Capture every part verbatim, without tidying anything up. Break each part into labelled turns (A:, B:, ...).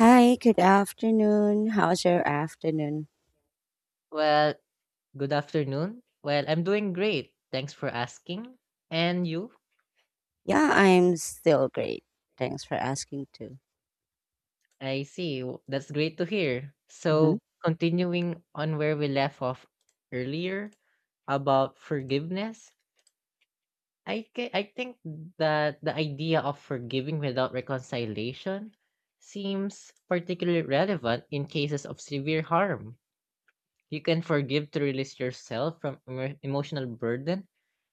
A: Hi, good afternoon. How's your afternoon?
B: Well, good afternoon. Well, I'm doing great. Thanks for asking. And you?
A: Yeah, I'm still great. Thanks for asking too.
B: I see. w- That's great to hear.
A: hmm
B: So, continuing on where we left off earlier about forgiveness, I ca- I think that the idea of forgiving without reconciliation seems particularly relevant in cases of severe harm. You can forgive to release yourself from emo- emotional burden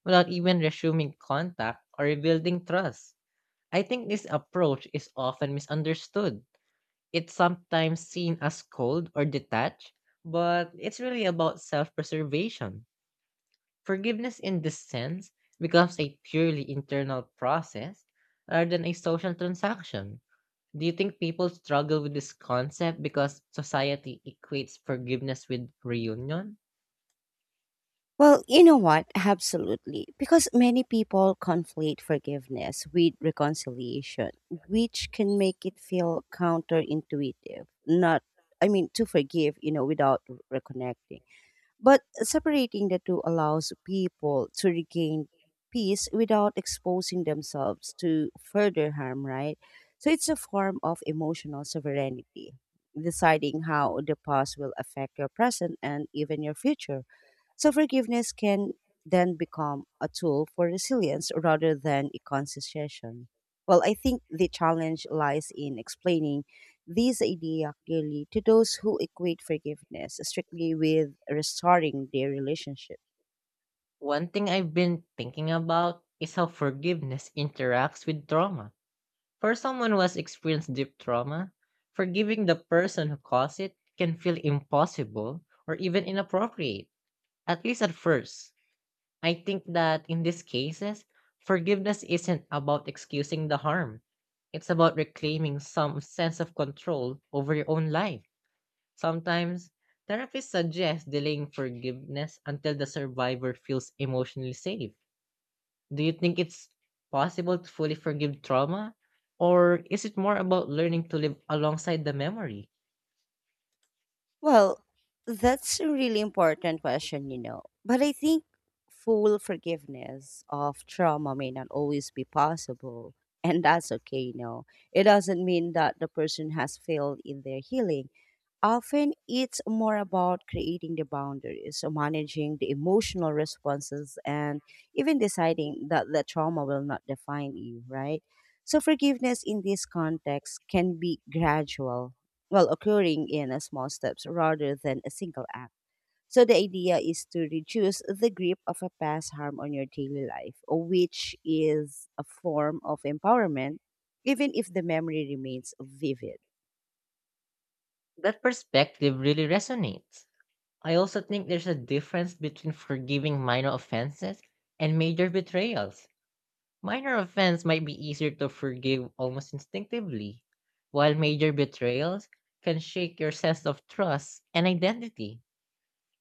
B: without even resuming contact or rebuilding trust. I think this approach is often misunderstood. It's sometimes seen as cold or detached, but it's really about self preservation. Forgiveness, in this sense, becomes a purely internal process rather than a social transaction. Do you think people struggle with this concept because society equates forgiveness with reunion?
A: Well, you know what? Absolutely. Because many people conflate forgiveness with reconciliation, which can make it feel counterintuitive. Not, I mean, to forgive, you know, without reconnecting. But separating the two allows people to regain peace without exposing themselves to further harm, right? So it's a form of emotional sovereignty, deciding how the past will affect your present and even your future. So forgiveness can then become a tool for resilience rather than a concession. Well, I think the challenge lies in explaining this idea clearly to those who equate forgiveness strictly with restoring their relationship.
B: One thing I've been thinking about is how forgiveness interacts with trauma. For someone who has experienced deep trauma, forgiving the person who caused it can feel impossible or even inappropriate, at least at first. I think that in these cases, forgiveness isn't about excusing the harm. It's about reclaiming some sense of control over your own life. Sometimes, therapists suggest delaying forgiveness until the survivor feels emotionally safe. Do you think it's possible to fully forgive trauma? Or is it more about learning to live alongside the memory?
A: Well, that's a really important question, you know. But I think full forgiveness of trauma may not always be possible. And that's okay, you know. It doesn't mean that the person has failed in their healing. Often it's more about creating the boundaries, so managing the emotional responses, and even deciding that the trauma will not define you, right? So, forgiveness in this context can be gradual, well, occurring in a small steps rather than a single act. So, the idea is to reduce the grip of a past harm on your daily life, which is a form of empowerment, even if the memory remains vivid.
B: That perspective really resonates. I also think there's a difference between forgiving minor offenses and major betrayals. Minor offense might be easier to forgive almost instinctively, while major betrayals can shake your sense of trust and identity.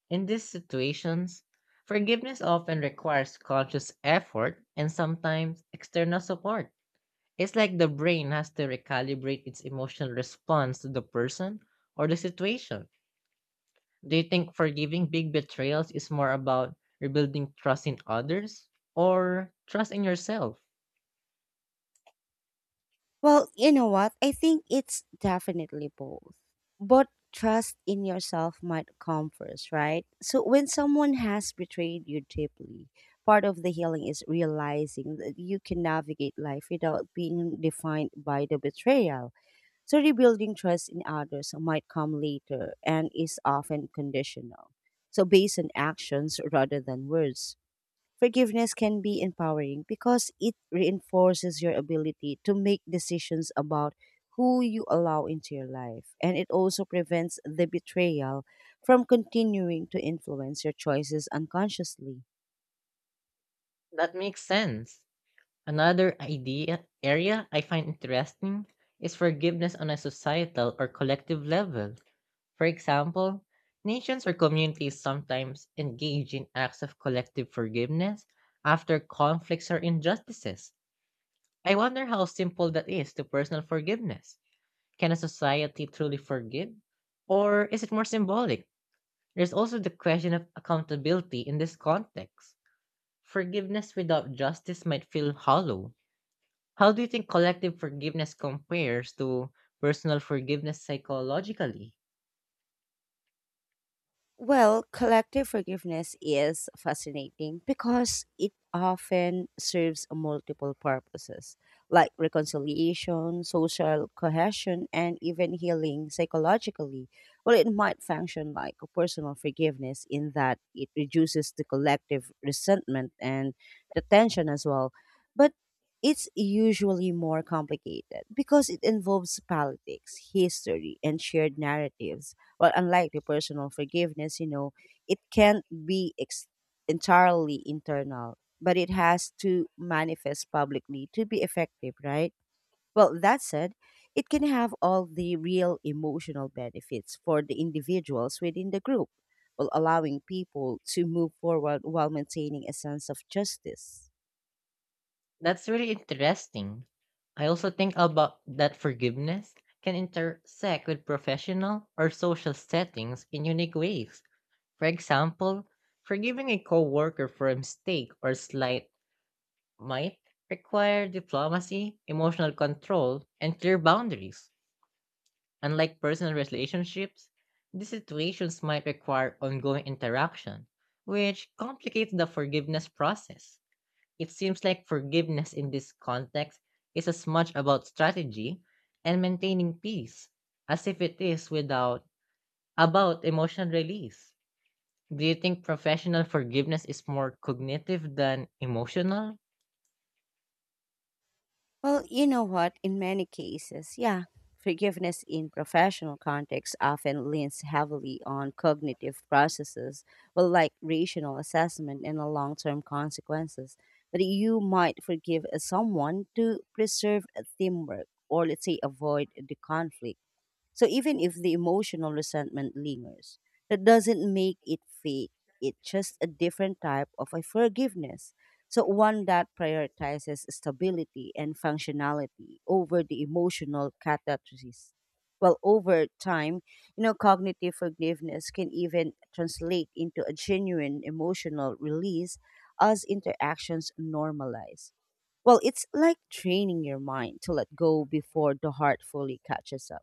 B: In these situations, forgiveness often requires conscious effort and sometimes external support. It's like the brain has to recalibrate its emotional response to the person or the situation. Do you think forgiving big betrayals is more about rebuilding trust in others or trust in yourself?
A: Well, you know what? I think it's definitely both. But trust in yourself might come first, right? So when someone has betrayed you deeply, part of the healing is realizing that you can navigate life without being defined by the betrayal. So rebuilding trust in others might come later and is often conditional. So based on actions rather than words. Forgiveness can be empowering because it reinforces your ability to make decisions about who you allow into your life. And it also prevents the betrayal from continuing to influence your choices unconsciously.
B: That makes sense. Another idea area I find interesting is forgiveness on a societal or collective level. For example, nations or communities sometimes engage in acts of collective forgiveness after conflicts or injustices. I wonder how simple that is to personal forgiveness. Can a society truly forgive? Or is it more symbolic? There's also the question of accountability in this context. Forgiveness without justice might feel hollow. How do you think collective forgiveness compares to personal forgiveness psychologically?
A: Well, collective forgiveness is fascinating because it often serves multiple purposes, like reconciliation, social cohesion, and even healing psychologically. Well, it might function like a personal forgiveness in that it reduces the collective resentment and the tension as well. But it's usually more complicated because it involves politics, history, and shared narratives, well, unlike the personal forgiveness, you know, it can't be ex- entirely internal, but it has to manifest publicly to be effective, right? Well, that said, it can have all the real emotional benefits for the individuals within the group, while allowing people to move forward while maintaining a sense of justice.
B: That's really interesting. I also think about that forgiveness can intersect with professional or social settings in unique ways. For example, forgiving a coworker for a mistake or slight might require diplomacy, emotional control, and clear boundaries. Unlike personal relationships, these situations might require ongoing interaction, which complicates the forgiveness process. It seems like forgiveness in this context is as much about strategy and maintaining peace as if it is without about emotional release. Do you think professional forgiveness is more cognitive than emotional?
A: Well, you know what? In many cases, yeah, forgiveness in professional contexts often leans heavily on cognitive processes, well, like rational assessment and the long-term consequences. But you might forgive someone to preserve teamwork, or let's say avoid the conflict. So even if the emotional resentment lingers, that doesn't make it fake. It's just a different type of a forgiveness. So one that prioritizes stability and functionality over the emotional catharsis. Well, over time, you know, cognitive forgiveness can even translate into a genuine emotional release as interactions normalize. Well, it's like training your mind to let go before the heart fully catches up.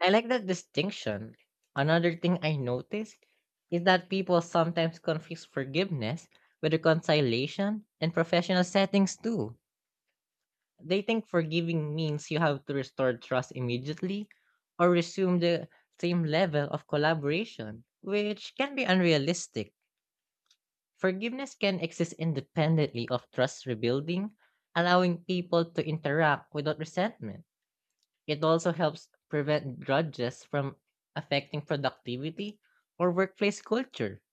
B: I like that distinction. Another thing I noticed is that people sometimes confuse forgiveness with reconciliation in professional settings too. They think forgiving means you have to restore trust immediately or resume the same level of collaboration, which can be unrealistic. Forgiveness can exist independently of trust rebuilding, allowing people to interact without resentment. It also helps prevent grudges from affecting productivity or workplace culture.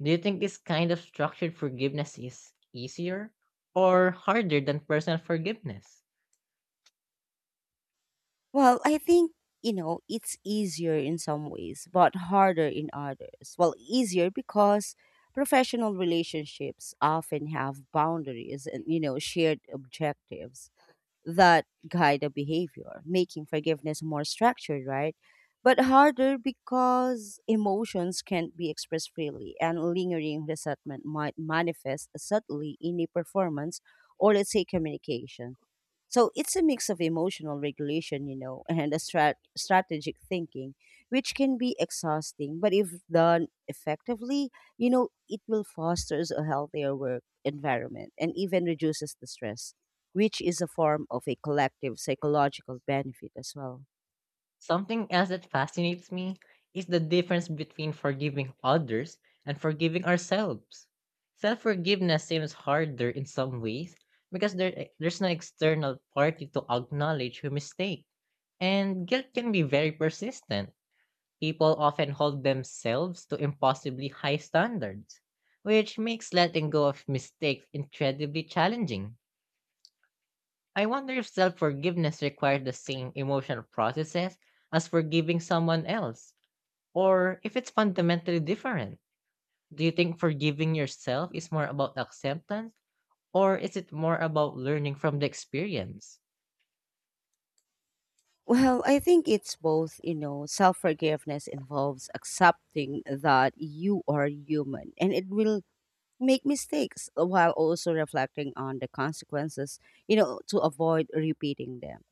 B: Do you think this kind of structured forgiveness is easier or harder than personal forgiveness?
A: Well, I think, you know, it's easier in some ways, but harder in others. Well, easier because professional relationships often have boundaries and, you know, shared objectives that guide the behavior, making forgiveness more structured, right? But harder because emotions can't be expressed freely, and lingering resentment might manifest subtly in a performance or, let's say, communication. So it's a mix of emotional regulation, you know, and a strat- strategic thinking, which can be exhausting. But if done effectively, you know, it will fosters a healthier work environment and even reduces the stress, which is a form of a collective psychological benefit as well.
B: Something else that fascinates me is the difference between forgiving others and forgiving ourselves. Self forgiveness seems harder in some ways because there, there's no external party to acknowledge your mistake. And guilt can be very persistent. People often hold themselves to impossibly high standards, which makes letting go of mistakes incredibly challenging. I wonder if self forgiveness requires the same emotional processes as forgiving someone else or if it's fundamentally different. Do you think forgiving yourself is more about acceptance or is it more about learning from the experience?
A: Well, I think it's both, you know, self forgiveness involves accepting that you are human and it will make mistakes while also reflecting on the consequences, you know, to avoid repeating them.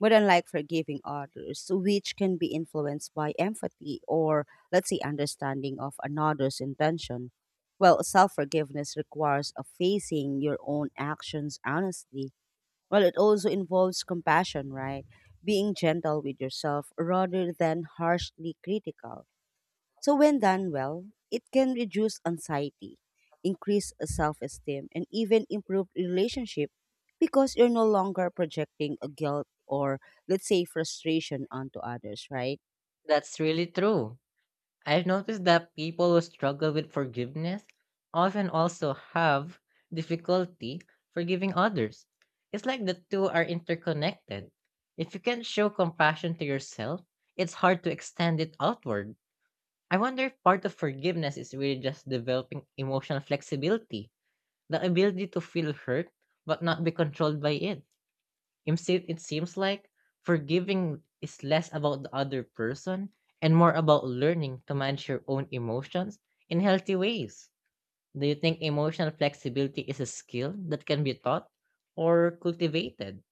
A: But unlike forgiving others, which can be influenced by empathy or, let's say, understanding of another's intention, well, self forgiveness requires a facing your own actions honestly. Well, it also involves compassion, right? Being gentle with yourself rather than harshly critical. So, when done well, it can reduce anxiety, increase self esteem, and even improve relationship because you're no longer projecting a guilt or, let's say, frustration onto others, right?
B: That's really true. I've noticed that people who struggle with forgiveness often also have difficulty forgiving others. It's like the two are interconnected. If you can't show compassion to yourself, it's hard to extend it outward. I wonder if part of forgiveness is really just developing emotional flexibility, the ability to feel hurt but not be controlled by it. Instead, it seems like forgiving is less about the other person and more about learning to manage your own emotions in healthy ways. Do you think emotional flexibility is a skill that can be taught or cultivated?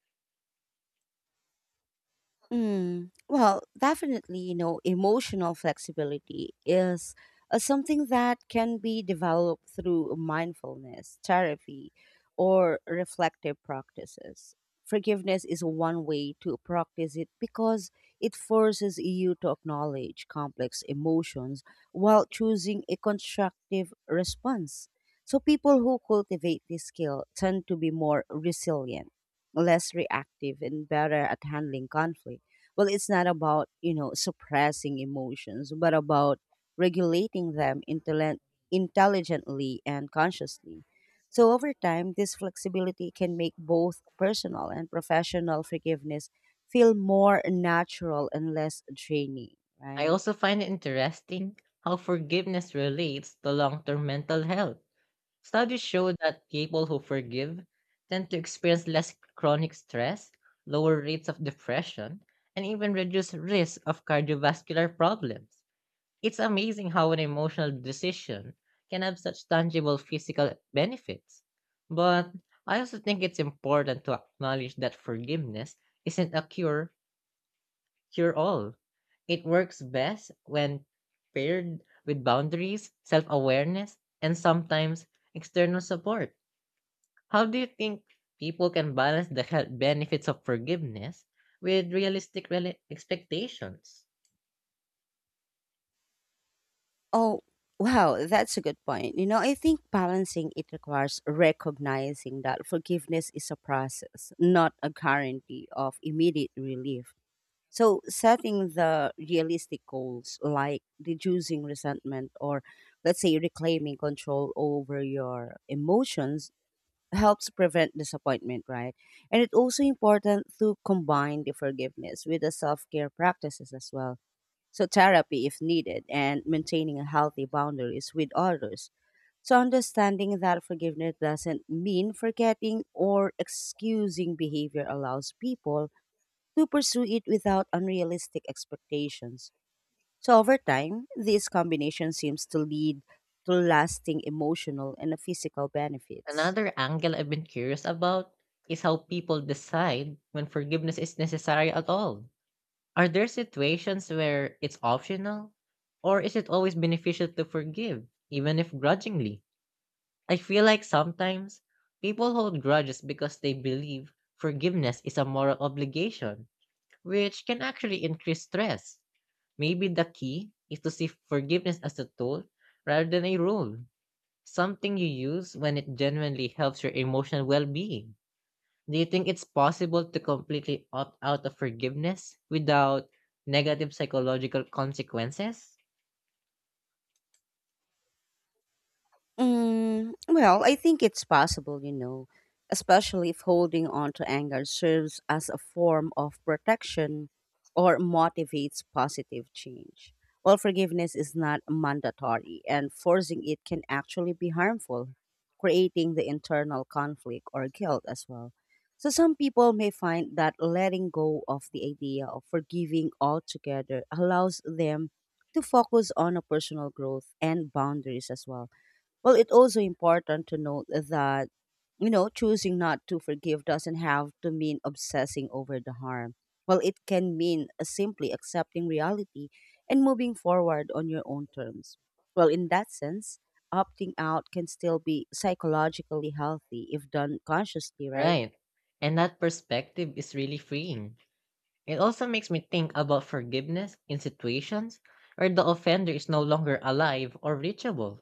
A: Mm, well, definitely, you know, emotional flexibility is uh, something that can be developed through mindfulness, therapy, or reflective practices. Forgiveness is one way to practice it because it forces you to acknowledge complex emotions while choosing a constructive response. So, people who cultivate this skill tend to be more resilient, less reactive, and better at handling conflict. Well, it's not about, you know, suppressing emotions, but about regulating them intelli- intelligently and consciously. So over time, this flexibility can make both personal and professional forgiveness feel more natural and less draining,
B: I
A: right?
B: also find it interesting how forgiveness relates to long term mental health. Studies show that people who forgive tend to experience less chronic stress, lower rates of depression, and even reduce risk of cardiovascular problems. It's amazing how an emotional decision can have such tangible physical benefits. But I also think it's important to acknowledge that forgiveness isn't a cure cure all. It works best when paired with boundaries, self-awareness, and sometimes external support. How do you think people can balance the health benefits of forgiveness with realistic rela- expectations?
A: Oh, wow, that's a good point. You know, I think balancing it requires recognizing that forgiveness is a process, not a guarantee of immediate relief. So setting the realistic goals like reducing resentment or let's say reclaiming control over your emotions helps prevent disappointment, right? And it's also important to combine the forgiveness with the self-care practices as well. So therapy if needed and maintaining a healthy boundaries with others. So understanding that forgiveness doesn't mean forgetting or excusing behavior allows people to pursue it without unrealistic expectations. So over time, this combination seems to lead to lasting emotional and physical benefits.
B: Another angle I've been curious about is how people decide when forgiveness is necessary at all. Are there situations where it's optional? Or is it always beneficial to forgive, even if grudgingly? I feel like sometimes people hold grudges because they believe forgiveness is a moral obligation, which can actually increase stress. Maybe the key is to see forgiveness as a tool rather than a rule, something you use when it genuinely helps your emotional well being. Do you think it's possible to completely opt out of forgiveness without negative psychological consequences?
A: Mm, well, I think it's possible, you know, especially if holding on to anger serves as a form of protection or motivates positive change. Well, forgiveness is not mandatory, and forcing it can actually be harmful, creating the internal conflict or guilt as well. So, some people may find that letting go of the idea of forgiving altogether allows them to focus on a personal growth and boundaries as well. Well, it's also important to note that, you know, choosing not to forgive doesn't have to mean obsessing over the harm. Well, it can mean uh, simply accepting reality and moving forward on your own terms. Well, in that sense, opting out can still be psychologically healthy if done consciously, right?
B: Right. And that perspective is really freeing. It also makes me think about forgiveness in situations where the offender is no longer alive or reachable.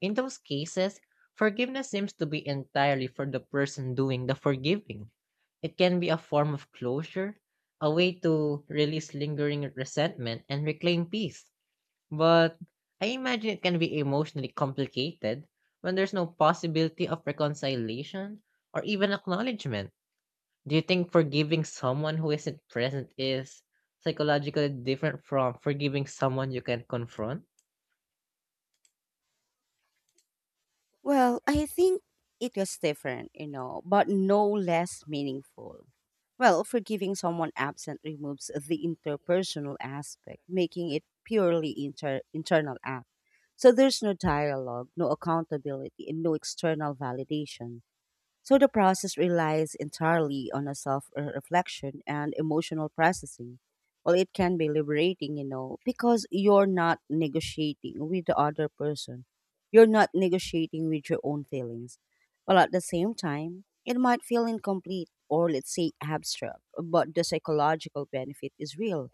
B: In those cases, forgiveness seems to be entirely for the person doing the forgiving. It can be a form of closure, a way to release lingering resentment and reclaim peace. But I imagine it can be emotionally complicated when there's no possibility of reconciliation or even acknowledgement. Do you think forgiving someone who isn't present is psychologically different from forgiving someone you can confront?
A: Well, I think it was different, you know, but no less meaningful. Well, forgiving someone absent removes the interpersonal aspect, making it purely inter- internal act. So there's no dialogue, no accountability, and no external validation. So the process relies entirely on a self reflection and emotional processing. Well, it can be liberating, you know, because you're not negotiating with the other person. You're not negotiating with your own feelings. Well, at the same time, it might feel incomplete or, let's say, abstract, but the psychological benefit is real,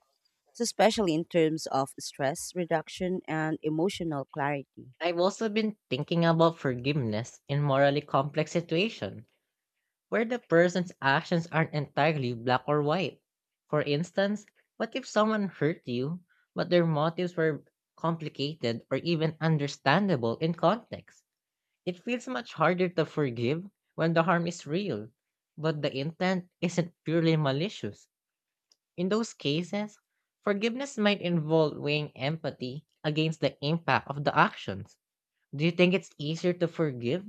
A: so especially in terms of stress reduction and emotional clarity.
B: I've also been thinking about forgiveness in morally complex situations where the person's actions aren't entirely black or white. For instance, what if someone hurt you, but their motives were complicated or even understandable in context? It feels much harder to forgive when the harm is real, but the intent isn't purely malicious. In those cases, forgiveness might involve weighing empathy against the impact of the actions. Do you think it's easier to forgive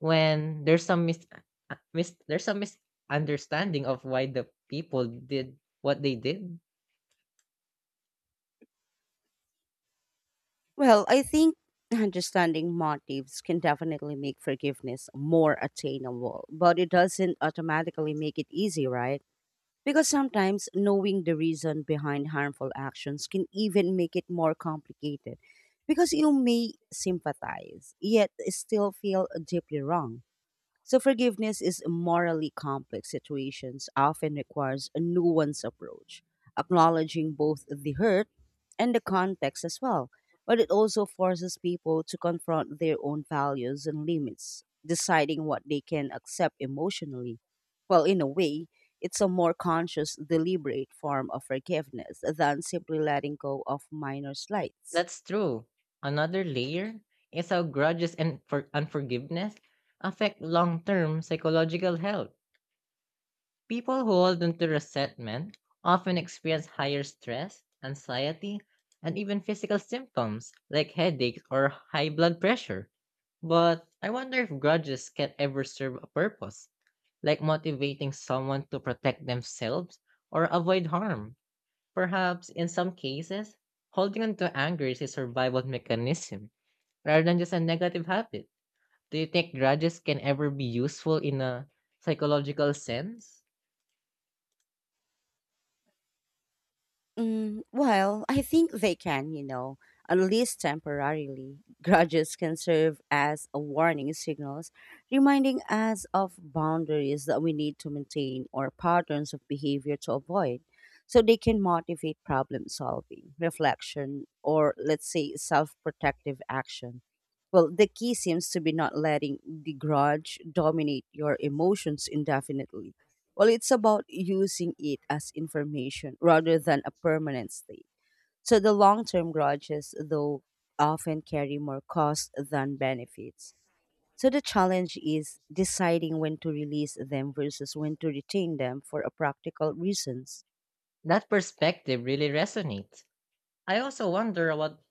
B: when there's some mis, uh, mis there's some misunderstanding of why the people did what they did?
A: Well, I think understanding motives can definitely make forgiveness more attainable, but it doesn't automatically make it easy, right? Because sometimes knowing the reason behind harmful actions can even make it more complicated because you may sympathize, yet still feel deeply wrong. So forgiveness is morally complex situations often requires a nuanced approach, acknowledging both the hurt and the context as well. But it also forces people to confront their own values and limits, deciding what they can accept emotionally. Well, in a way, it's a more conscious, deliberate form of forgiveness than simply letting go of minor slights.
B: That's true. Another layer is how grudges and for unforgiveness affect long-term psychological health. People who hold onto resentment often experience higher stress, anxiety, and even physical symptoms like headaches or high blood pressure. But I wonder if grudges can ever serve a purpose like motivating someone to protect themselves or avoid harm. Perhaps in some cases, holding on to anger is a survival mechanism rather than just a negative habit. Do you think grudges can ever be useful in a psychological sense?
A: Mm, well, I think they can, you know, at least temporarily. Grudges can serve as a warning signals, reminding us of boundaries that we need to maintain or patterns of behavior to avoid. So they can motivate problem solving, reflection, or let's say self protective action. Well, the key seems to be not letting the grudge dominate your emotions indefinitely. Well, it's about using it as information rather than a permanent state. So the long term grudges, though, often carry more costs than benefits. So the challenge is deciding when to release them versus when to retain them for a practical reasons.
B: That perspective really resonates. I also wonder about,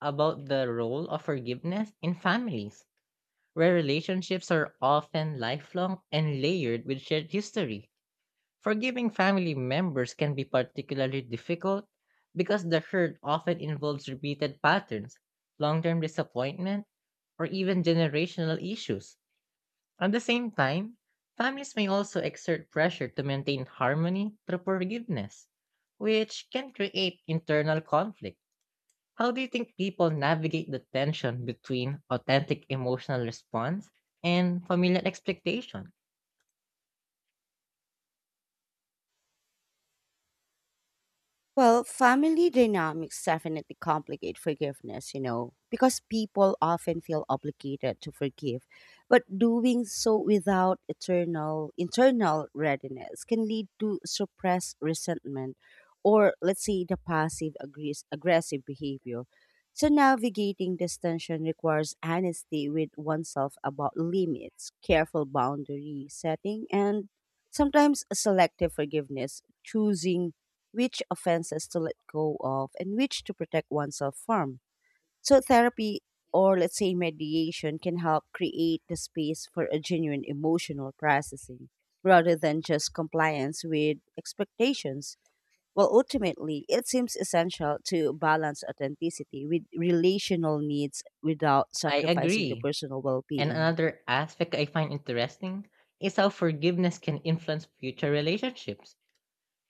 B: about the role of forgiveness in families, where relationships are often lifelong and layered with shared history. Forgiving family members can be particularly difficult because the hurt often involves repeated patterns, long term disappointment, or even generational issues. At the same time, families may also exert pressure to maintain harmony through forgiveness, which can create internal conflict. How do you think people navigate the tension between authentic emotional response and familial expectation?
A: Well, family dynamics definitely complicate forgiveness, you know, because people often feel obligated to forgive, but doing so without eternal internal readiness can lead to suppressed resentment or let's say the passive aggress- aggressive behavior. So navigating this tension requires honesty with oneself about limits, careful boundary setting, and sometimes selective forgiveness, choosing which offenses to let go of, and which to protect oneself from. So, therapy or let's say mediation can help create the space for a genuine emotional processing rather than just compliance with expectations. Well, ultimately, it seems essential to balance authenticity with relational needs without
B: I
A: sacrificing the
B: agree.
A: personal well
B: And
A: being.
B: another aspect I find interesting is how forgiveness can influence future relationships.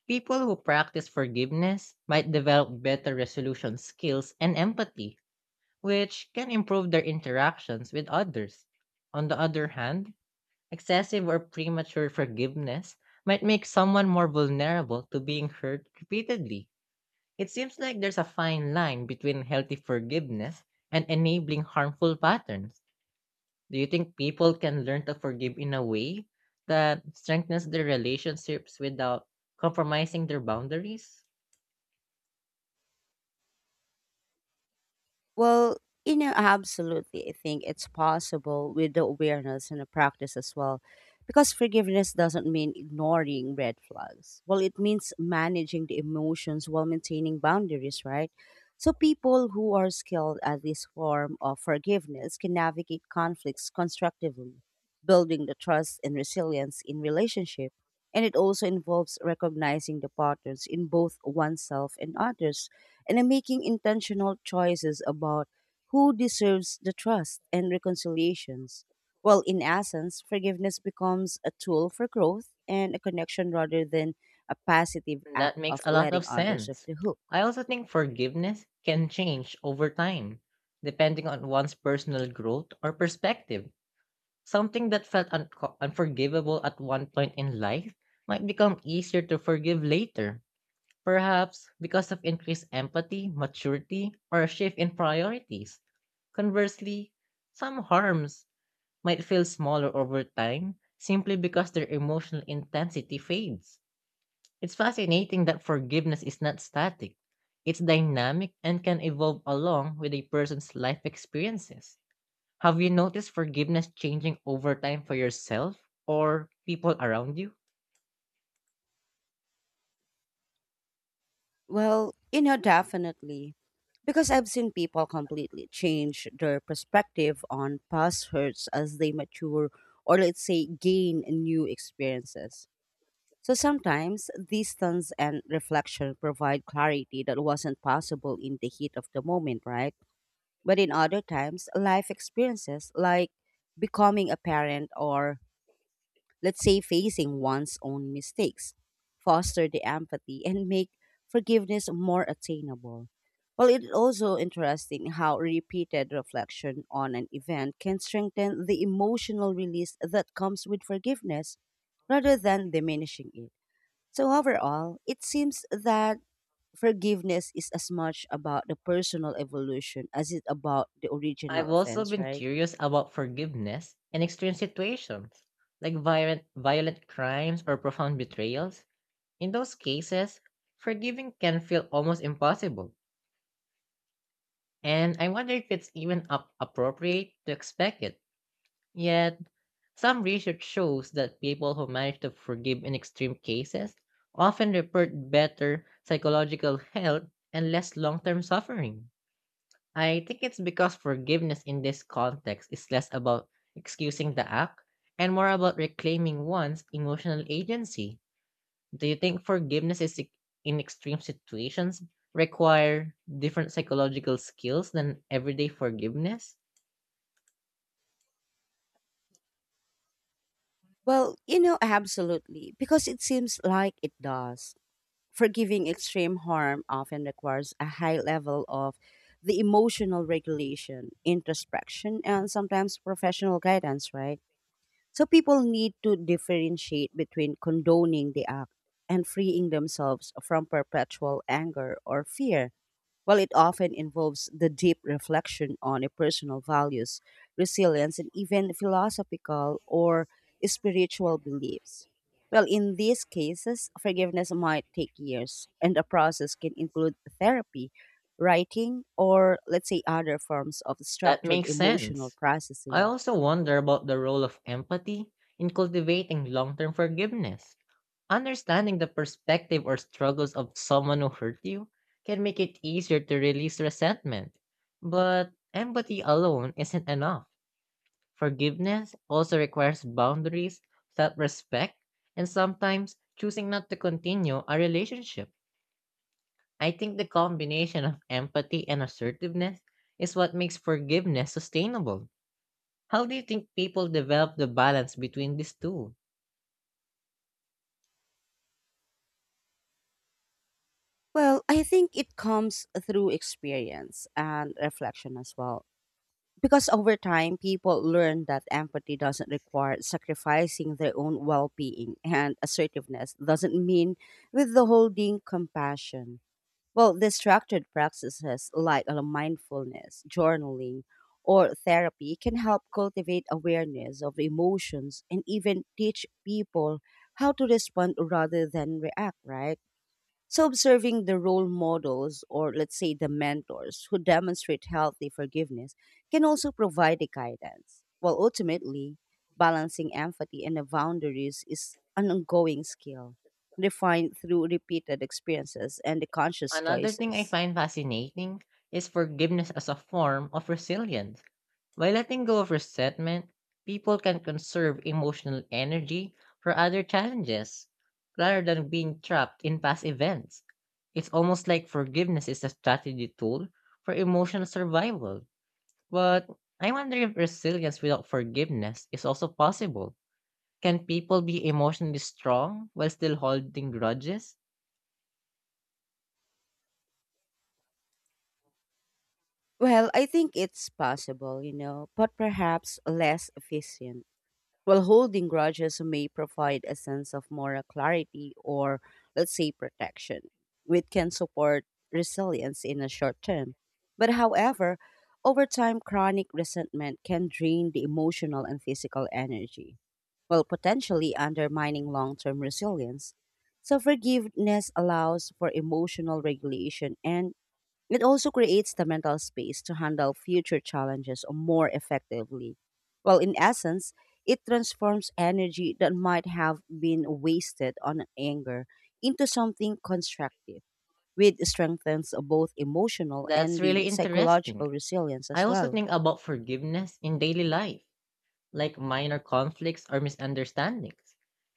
B: People who practice forgiveness might develop better resolution skills and empathy, which can improve their interactions with others. On the other hand, excessive or premature forgiveness might make someone more vulnerable to being hurt repeatedly. It seems like there's a fine line between healthy forgiveness and enabling harmful patterns. Do you think people can learn to forgive in a way that strengthens their relationships without compromising their boundaries?
A: Well, you know, absolutely. I think it's possible with the awareness and the practice as well. Because forgiveness doesn't mean ignoring red flags. Well, it means managing the emotions while maintaining boundaries, right? So people who are skilled at this form of forgiveness can navigate conflicts constructively, building the trust and resilience in relationship. And it also involves recognizing the patterns in both oneself and others and I'm making intentional choices about who deserves the trust and reconciliations. Well, in essence, forgiveness becomes a tool for growth and a connection rather than a passive act
B: That makes
A: of
B: a lot
A: letting
B: of
A: others off
B: sense.
A: the hook.
B: I also think forgiveness can change over time, depending on one's personal growth or perspective. Something that felt unco unforgivable at one point in life might become easier to forgive later, perhaps because of increased empathy, maturity, or a shift in priorities. Conversely, some harms might feel smaller over time simply because their emotional intensity fades. It's fascinating that forgiveness is not static, it's dynamic and can evolve along with a person's life experiences. Have you noticed forgiveness changing over time for yourself or people around you?
A: Well, you know, definitely. Because I've seen people completely change their perspective on past hurts as they mature or, let's say, gain new experiences. So sometimes distance and reflection provide clarity that wasn't possible in the heat of the moment, right? But in other times, life experiences like becoming a parent or let's say facing one's own mistakes foster the empathy and make forgiveness more attainable. Well, it's also interesting how repeated reflection on an event can strengthen the emotional release that comes with forgiveness rather than diminishing it. So, overall, it seems that forgiveness is as much about the personal evolution as it about the original
B: I've also
A: offense,
B: been
A: right?
B: curious about forgiveness in extreme situations, like violent, violent crimes or profound betrayals. In those cases, forgiving can feel almost impossible, and I wonder if it's even up appropriate to expect it. Yet, some research shows that people who manage to forgive in extreme cases often report better psychological health and less long term suffering. I think it's because forgiveness in this context is less about excusing the act and more about reclaiming one's emotional agency. Do you think forgiveness is ex- in extreme situations require different psychological skills than everyday forgiveness?
A: Well, you know, absolutely, because it seems like it does. Forgiving extreme harm often requires a high level of the emotional regulation, introspection, and sometimes professional guidance, right? So people need to differentiate between condoning the act and freeing themselves from perpetual anger or fear. Well, it often involves the deep reflection on your personal values, resilience, and even philosophical or spiritual beliefs. Well, in these cases, forgiveness might take years, and the process can include therapy, writing, or let's say other forms of
B: That
A: structured
B: makes
A: emotional
B: sense. I
A: processing.
B: also wonder about the role of empathy in cultivating long term forgiveness. Understanding the perspective or struggles of someone who hurt you can make it easier to release resentment, but empathy alone isn't enough. Forgiveness also requires boundaries, self respect, and sometimes choosing not to continue a relationship. I think the combination of empathy and assertiveness is what makes forgiveness sustainable. How do you think people develop the balance between these two?
A: Well, I think it comes through experience and reflection as well. Because over time, people learn that empathy doesn't require sacrificing their own well being, and assertiveness doesn't mean withholding compassion. Well, the structured practices like uh, mindfulness, journaling, or therapy can help cultivate awareness of emotions and even teach people how to respond rather than react, right? So, observing the role models, or let's say the mentors, who demonstrate healthy forgiveness can also provide the guidance. While ultimately, balancing empathy and the boundaries is an ongoing skill, refined through repeated experiences and the conscious
B: Another thing I
A: choices.
B: find fascinating is forgiveness as a form of resilience. By letting go of resentment, people can conserve emotional energy for other challenges rather than being trapped in past events. It's almost like forgiveness is a strategy tool for emotional survival. But I wonder if resilience without forgiveness is also possible. Can people be emotionally strong while still holding grudges?
A: Well, I think it's possible, you know, but perhaps less efficient. While holding grudges may provide a sense of moral clarity or, let's say, protection, which can support resilience in the short term. But however, over time, chronic resentment can drain the emotional and physical energy, while potentially undermining long term resilience. So, forgiveness allows for emotional regulation and it also creates the mental space to handle future challenges more effectively. Well, in essence, it transforms energy that might have been wasted on anger into something constructive, which strengthens both emotional
B: That's
A: and the
B: really interesting.
A: psychological resilience
B: I
A: as
B: also
A: well.
B: think about forgiveness in daily life like minor conflicts or misunderstandings.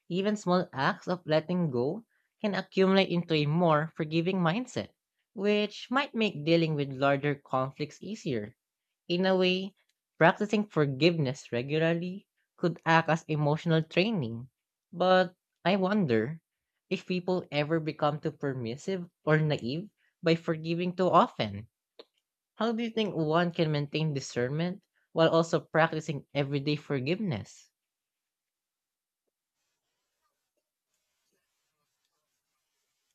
B: Even small acts of letting go can accumulate into a more forgiving mindset, which might make dealing with larger conflicts easier. In a way, practicing forgiveness regularly could act as emotional training. But I wonder if people ever become too permissive or naive by forgiving too often. How do you think one can maintain discernment while also practicing everyday forgiveness?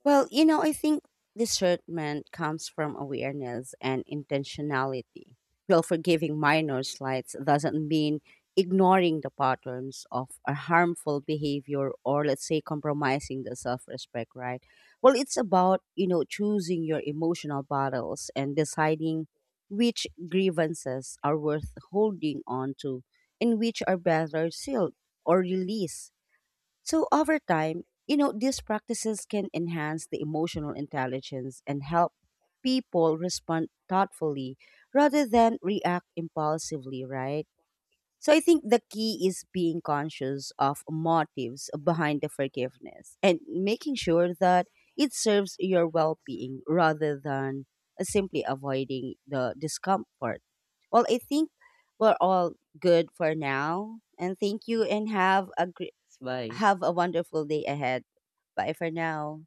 A: Well, you know, I think discernment comes from awareness and intentionality. Well, forgiving minor slights doesn't mean ignoring the patterns of a harmful behavior or let's say compromising the self-respect, right? Well, it's about, you know, choosing your emotional battles and deciding which grievances are worth holding on to and which are better sealed or released. So over time, you know, these practices can enhance the emotional intelligence and help people respond thoughtfully rather than react impulsively, right? So I think the key is being conscious of motives behind the forgiveness and making sure that it serves your well-being rather than uh, simply avoiding the discomfort. Well, I think we're all good for now, and thank you and have a great
B: Bye.
A: have a wonderful day ahead. Bye for now.